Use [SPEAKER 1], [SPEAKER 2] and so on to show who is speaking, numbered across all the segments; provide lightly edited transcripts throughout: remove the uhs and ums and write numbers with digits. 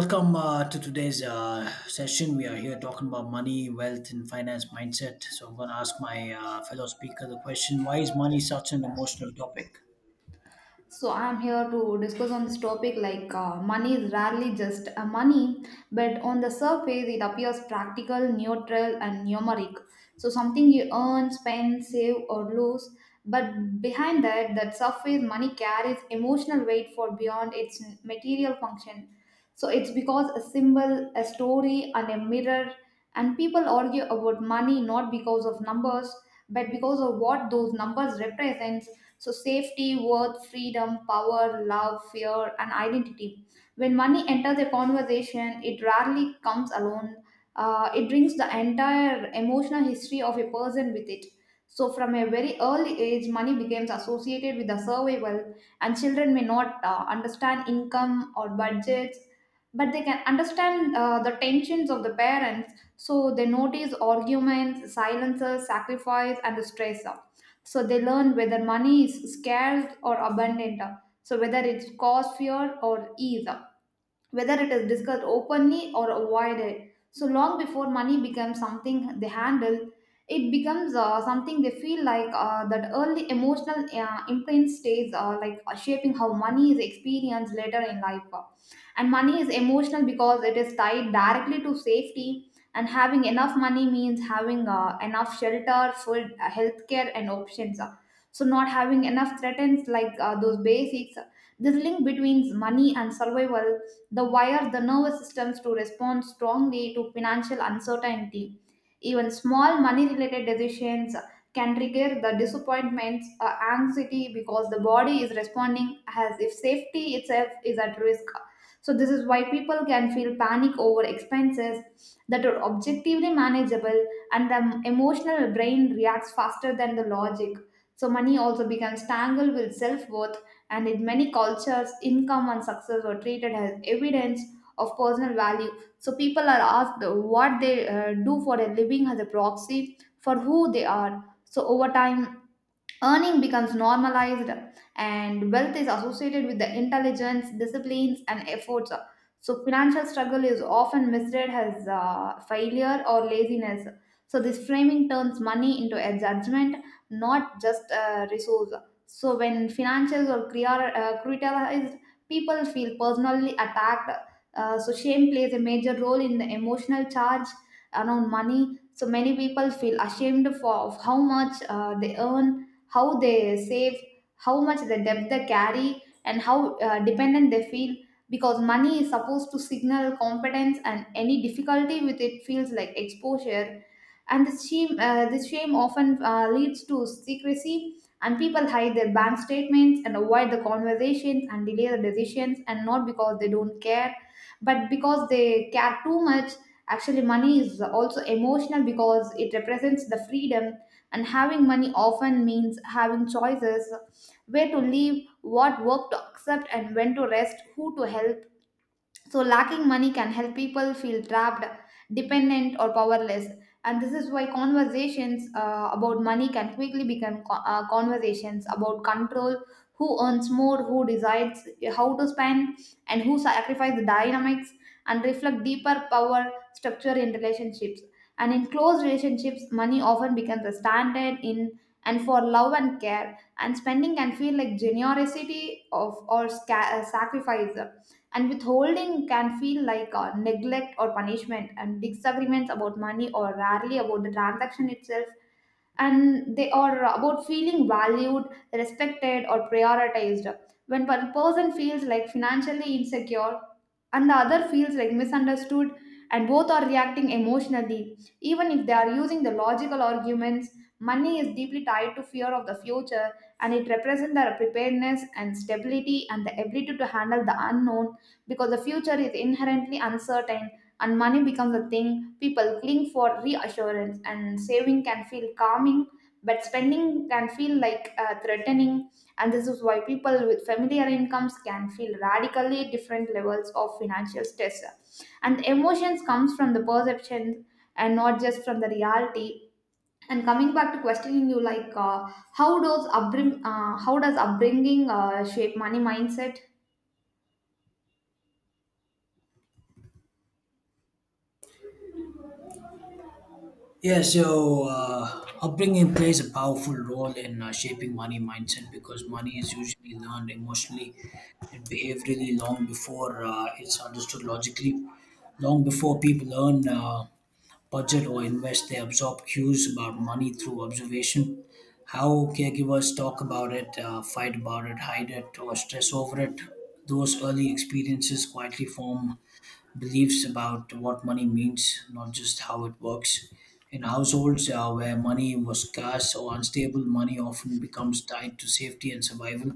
[SPEAKER 1] Welcome to today's session. We are here talking about money, wealth, and finance mindset. So, I'm going to ask my fellow speaker the question, why is money such an emotional topic?
[SPEAKER 2] So I'm here to discuss on this topic like money is rarely just a money, but on the surface it appears practical, neutral, and numeric. So something you earn, spend, save, or lose. But behind that surface money carries emotional weight for beyond its material function. So it's because a symbol, a story, and a mirror. And people argue about money not because of numbers, but because of what those numbers represent so, safety, worth, freedom, power, love, fear, and identity. When money enters a conversation, it rarely comes alone. It brings the entire emotional history of a person with it. So, from a very early age, money becomes associated with the survival, and children may not understand income or budgets, but they can understand the tensions of the parents. So, they notice arguments, silences, sacrifice, and the stress. So they learn whether money is scarce or abundant, so whether it's cause fear, or ease whether it is discussed openly or avoided. So long before money becomes something they handle, it becomes something they feel like that early emotional imprint stays shaping how money is experienced later in life. And money is emotional because it is tied directly to safety. And having enough money means having enough shelter, food, healthcare, and options. So not having enough threatens like those basics. This link between money and survival the wire the nervous systems to respond strongly to financial uncertainty. Even small money related decisions can trigger the disappointments or anxiety because the body is responding as if safety itself is at risk. So, this is why people can feel panic over expenses that are objectively manageable, and the emotional brain reacts faster than the logic. So, money also becomes tangled with self worth and in many cultures, income and success were treated as evidence of personal value. So people are asked what they do for a living as a proxy for who they are. So over time, earning becomes normalized, and wealth is associated with the intelligence, disciplines, and efforts. So, financial struggle is often misread as failure or laziness. So, this framing turns money into a judgment, not just a resource. So, when financials are criticized, people feel personally attacked. So, shame plays a major role in the emotional charge around money. So, many people feel ashamed for of how much they earn how they save, how much the debt they carry, and how dependent they feel because money is supposed to signal competence and any difficulty with it feels like exposure. And this shame often leads to secrecy, and people hide their bank statements and avoid the conversations and delay the decisions, and not because they don't care, but because they care too much actually money is also emotional because it represents the freedom and having money often means having choices where to live, what work to accept, and when to rest, who to help, so, lacking money can help people feel trapped, dependent, or powerless. And this is why conversations about money can quickly become conversations about control who earns more, who decides how to spend, and who sacrifices. The dynamics and reflect deeper power structure in relationships. And in close relationships, money often becomes a standard in and for love and care, and spending can feel like generosity of or sacrifice and withholding can feel like neglect or punishment, and disagreements about money or rarely about the transaction itself. And they are about feeling valued, respected, or prioritized. When one person feels like financially insecure, and the other feels like misunderstood, and both are reacting emotionally, even if they are using the logical arguments, money is deeply tied to fear of the future and it represents their preparedness and stability and the ability to handle the unknown because the future is inherently uncertain and money becomes a thing people cling for reassurance and saving can feel calming but spending can feel like threatening and this is why people with familiar incomes can feel radically different levels of financial stress and emotions comes from the perception and not just from the reality and coming back to questioning you like how does upbringing shape money mindset.
[SPEAKER 1] Yeah, so upbringing plays a powerful role in shaping money mindset because money is usually learned emotionally and behaviorally long before it's understood logically. Long before people learn budget or invest, they absorb cues about money through observation. How caregivers talk about it, fight about it, hide it, or stress over it. Those early experiences quietly form beliefs about what money means, not just how it works. In households where money was scarce or unstable, money often becomes tied to safety and survival.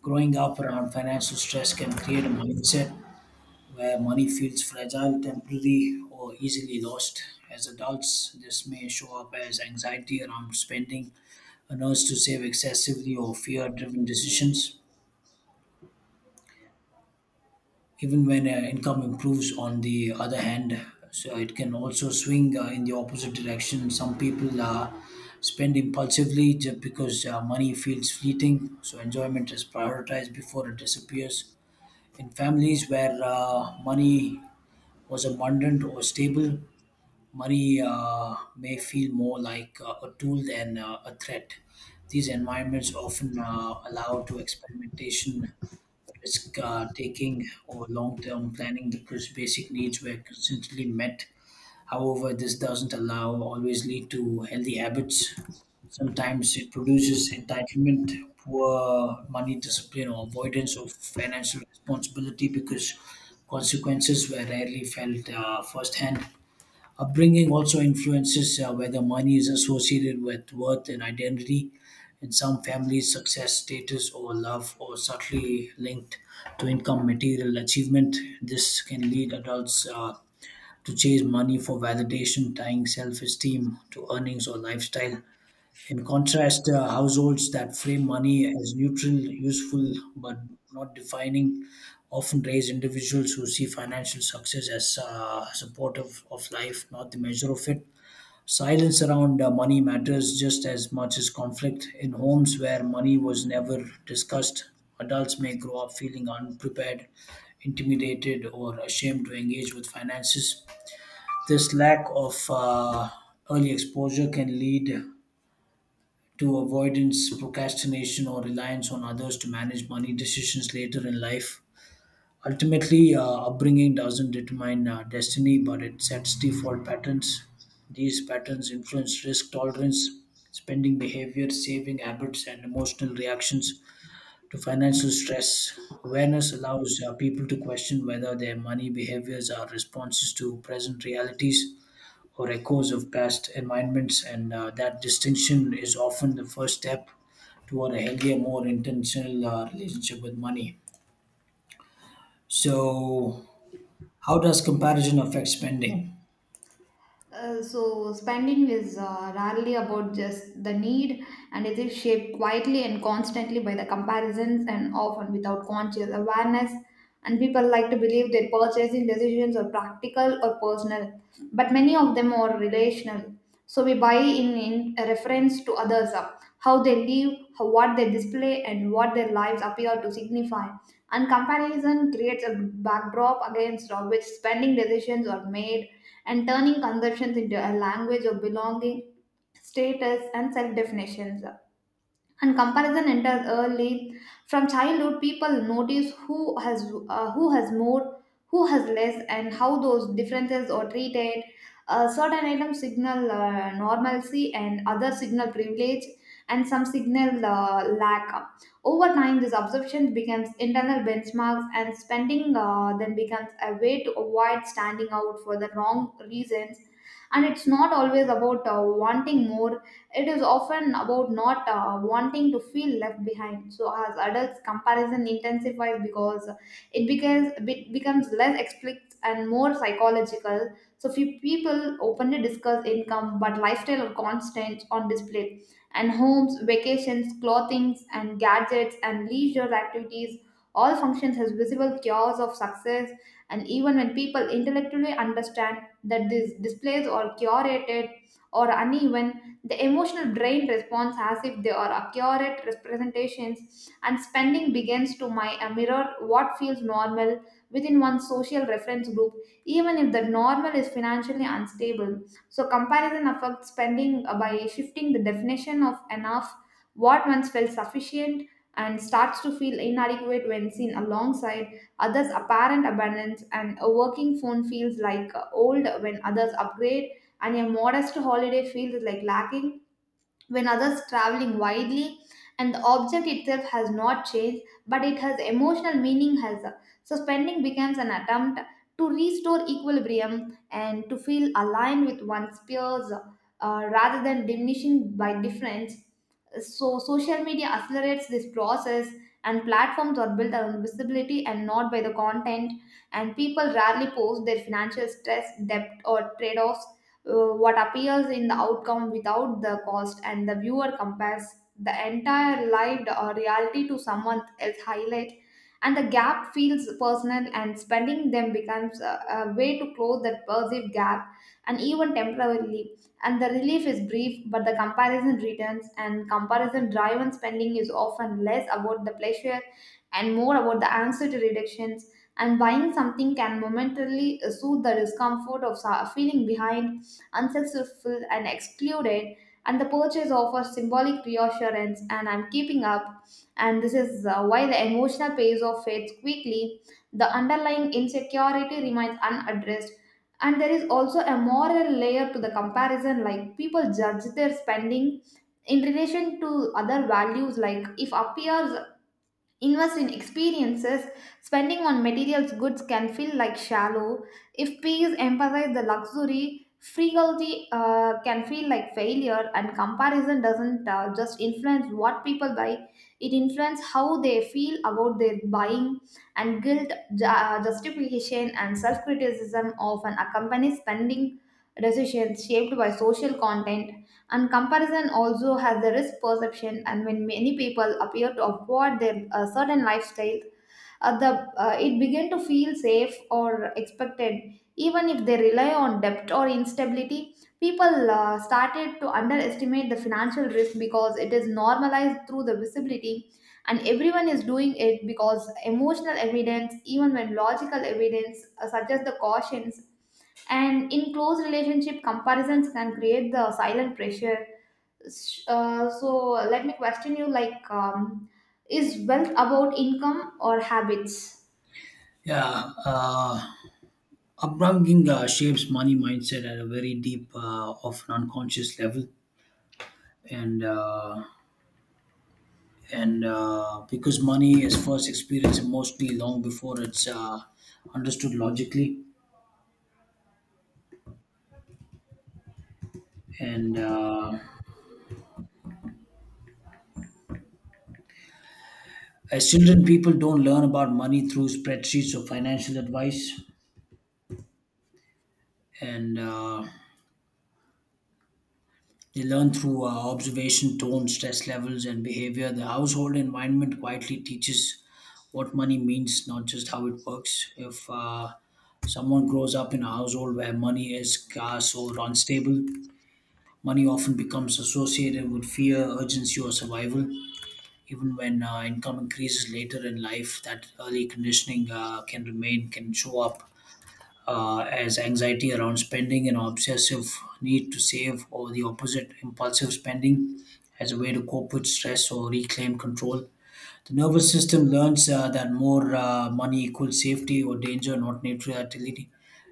[SPEAKER 1] Growing up around financial stress can create a mindset where money feels fragile, temporary, or easily lost. As adults, this may show up as anxiety around spending, a urge to save excessively, or fear driven decisions. Even when income improves, on the other hand, so it can also swing in the opposite direction. Some people spend impulsively just because money feels fleeting, so enjoyment is prioritized before it disappears. In families where money was abundant or stable, money may feel more like a tool than a threat. These environments often allow to experimentation risk taking or long term planning because basic needs were consistently met. However, this doesn't allow always lead to healthy habits. Sometimes it produces entitlement, poor money discipline, or avoidance of financial responsibility because consequences were rarely felt firsthand. Upbringing also influences whether money is associated with worth and identity. In some families, success, status, or love are subtly linked to income, material achievement. This can lead adults to chase money for validation, tying self esteem to earnings or lifestyle. In contrast, households that frame money as neutral, useful, but not defining often raise individuals who see financial success as supportive of life, not the measure of it. Silence around money matters just as much as conflict. In homes where money was never discussed, adults may grow up feeling unprepared, intimidated, or ashamed to engage with finances. This lack of early exposure can lead to avoidance, procrastination, or reliance on others to manage money decisions later in life. Ultimately, upbringing doesn't determine destiny, but it sets default patterns. These patterns influence risk tolerance, spending behavior, saving habits, and emotional reactions to financial stress. Awareness allows people to question whether their money behaviors are responses to present realities or echoes of past environments, and that distinction is often the first step toward a healthier, more intentional relationship with money. So, how does comparison affect spending?
[SPEAKER 2] So spending is rarely about just the need and it is shaped quietly and constantly by the comparisons and often without conscious awareness and people like to believe their purchasing decisions are practical or personal but many of them are relational so we buy in reference to others how they live how, what they display and what their lives appear to signify and comparison creates a backdrop against which spending decisions are made and turning conversions into a language of belonging, status, and self definitions and comparison enters early from childhood people notice who has more who has less and how those differences are treated certain items signal normalcy and other signal privilege and some signal lack over time this absorption becomes internal benchmarks and spending then becomes a way to avoid standing out for the wrong reasons and it's not always about wanting more it is often about not wanting to feel left behind. So, as adults, comparison intensifies because it becomes less explicit and more psychological. So, few people openly discuss income but lifestyle are constant on display, and homes, vacations, clothings, and gadgets and leisure activities all functions as visible cures of success and even when people intellectually understand that these displays are curated or uneven the emotional brain responds as if they are accurate representations, and spending begins to mirror what feels normal within one's social reference group, even if the normal is financially unstable. So, comparison affects spending by shifting the definition of enough, what once felt sufficient, and starts to feel inadequate when seen alongside others' apparent abundance, and a working phone feels like old when others upgrade and a modest holiday feels like lacking when others traveling widely and the object itself has not changed but it has emotional meaning has so spending becomes an attempt to restore equilibrium and to feel aligned with one's peers rather than diminishing by difference so social media accelerates this process and platforms are built around visibility and not by the content and people rarely post their financial stress debt or trade-offs what appears in the outcome without the cost, and the viewer compares the entire lived reality to someone else's highlight. And the gap feels personal, and spending them becomes a way to close that perceived gap and even temporarily. And the relief is brief, but the comparison returns, and comparison driven spending is often less about the pleasure and more about the anxiety reductions and buying something can momentarily soothe the discomfort of feeling behind unsuccessful, and excluded. And the purchase offers symbolic reassurance, and I'm keeping up. And this is why the emotional pays off fades quickly. The underlying insecurity remains unaddressed. And there is also a moral layer to the comparison, like people judge their spending in relation to other values like if appears invest in experiences. Spending on materials goods can feel like shallow. If peers emphasize the luxury, frugality can feel like failure, and comparison doesn't just influence what people buy, it influences how they feel about their buying. And guilt, justification, and self criticism often accompany spending decisions shaped by social content and comparison also has the risk perception, and when many people appear to avoid their certain lifestyle, the it begin to feel safe or expected. Even if they rely on debt or instability, people started to underestimate the financial risk because it is normalized through the visibility, and everyone is doing it because emotional evidence, even when logical evidence, suggests the cautions and in close relationship comparisons can create the silent pressure So let me question you like is wealth about income or habits
[SPEAKER 1] Yeah, uh, upbringing shapes money mindset at a very deep, often unconscious level, and uh, and because money is first experienced mostly long before it's understood logically, and as children, people don't learn about money through spreadsheets or financial advice, and they learn through observation, tone, stress levels, and behavior. The household environment quietly teaches what money means, not just how it works. If someone grows up in a household where money is scarce or unstable, money often becomes associated with fear, urgency, or survival. Even when income increases later in life, that early conditioning can remain, can show up as anxiety around spending and obsessive need to save, or the opposite, impulsive spending as a way to cope with stress or reclaim control. The nervous system learns that more money equals safety or danger, not neutrality.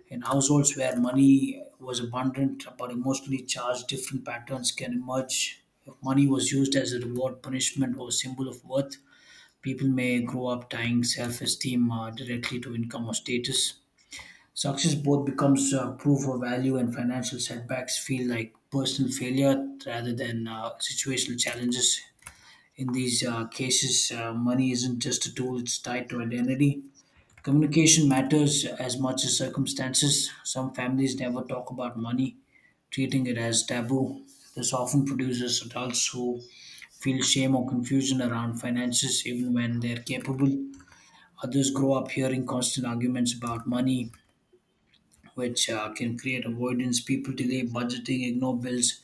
[SPEAKER 1] In households where money was abundant but emotionally charged, different patterns can emerge. If money was used as a reward, punishment, or symbol of worth, people may grow up tying self esteem directly to income or status. Success both becomes proof of value, and financial setbacks feel like personal failure rather than situational challenges. In these cases, money isn't just a tool, it's tied to identity. Communication matters as much as circumstances. Some families never talk about money, treating it as taboo. This often produces adults who feel shame or confusion around finances even when they're capable. Others grow up hearing constant arguments about money, which can create avoidance. People delay budgeting, ignore bills,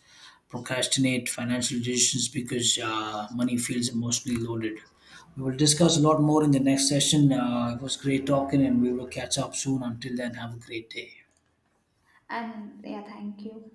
[SPEAKER 1] procrastinate financial decisions because money feels emotionally loaded. We will discuss a lot more in the next session. It was great talking, and we will catch up soon. Until then, have a great day.
[SPEAKER 2] and yeah thank you.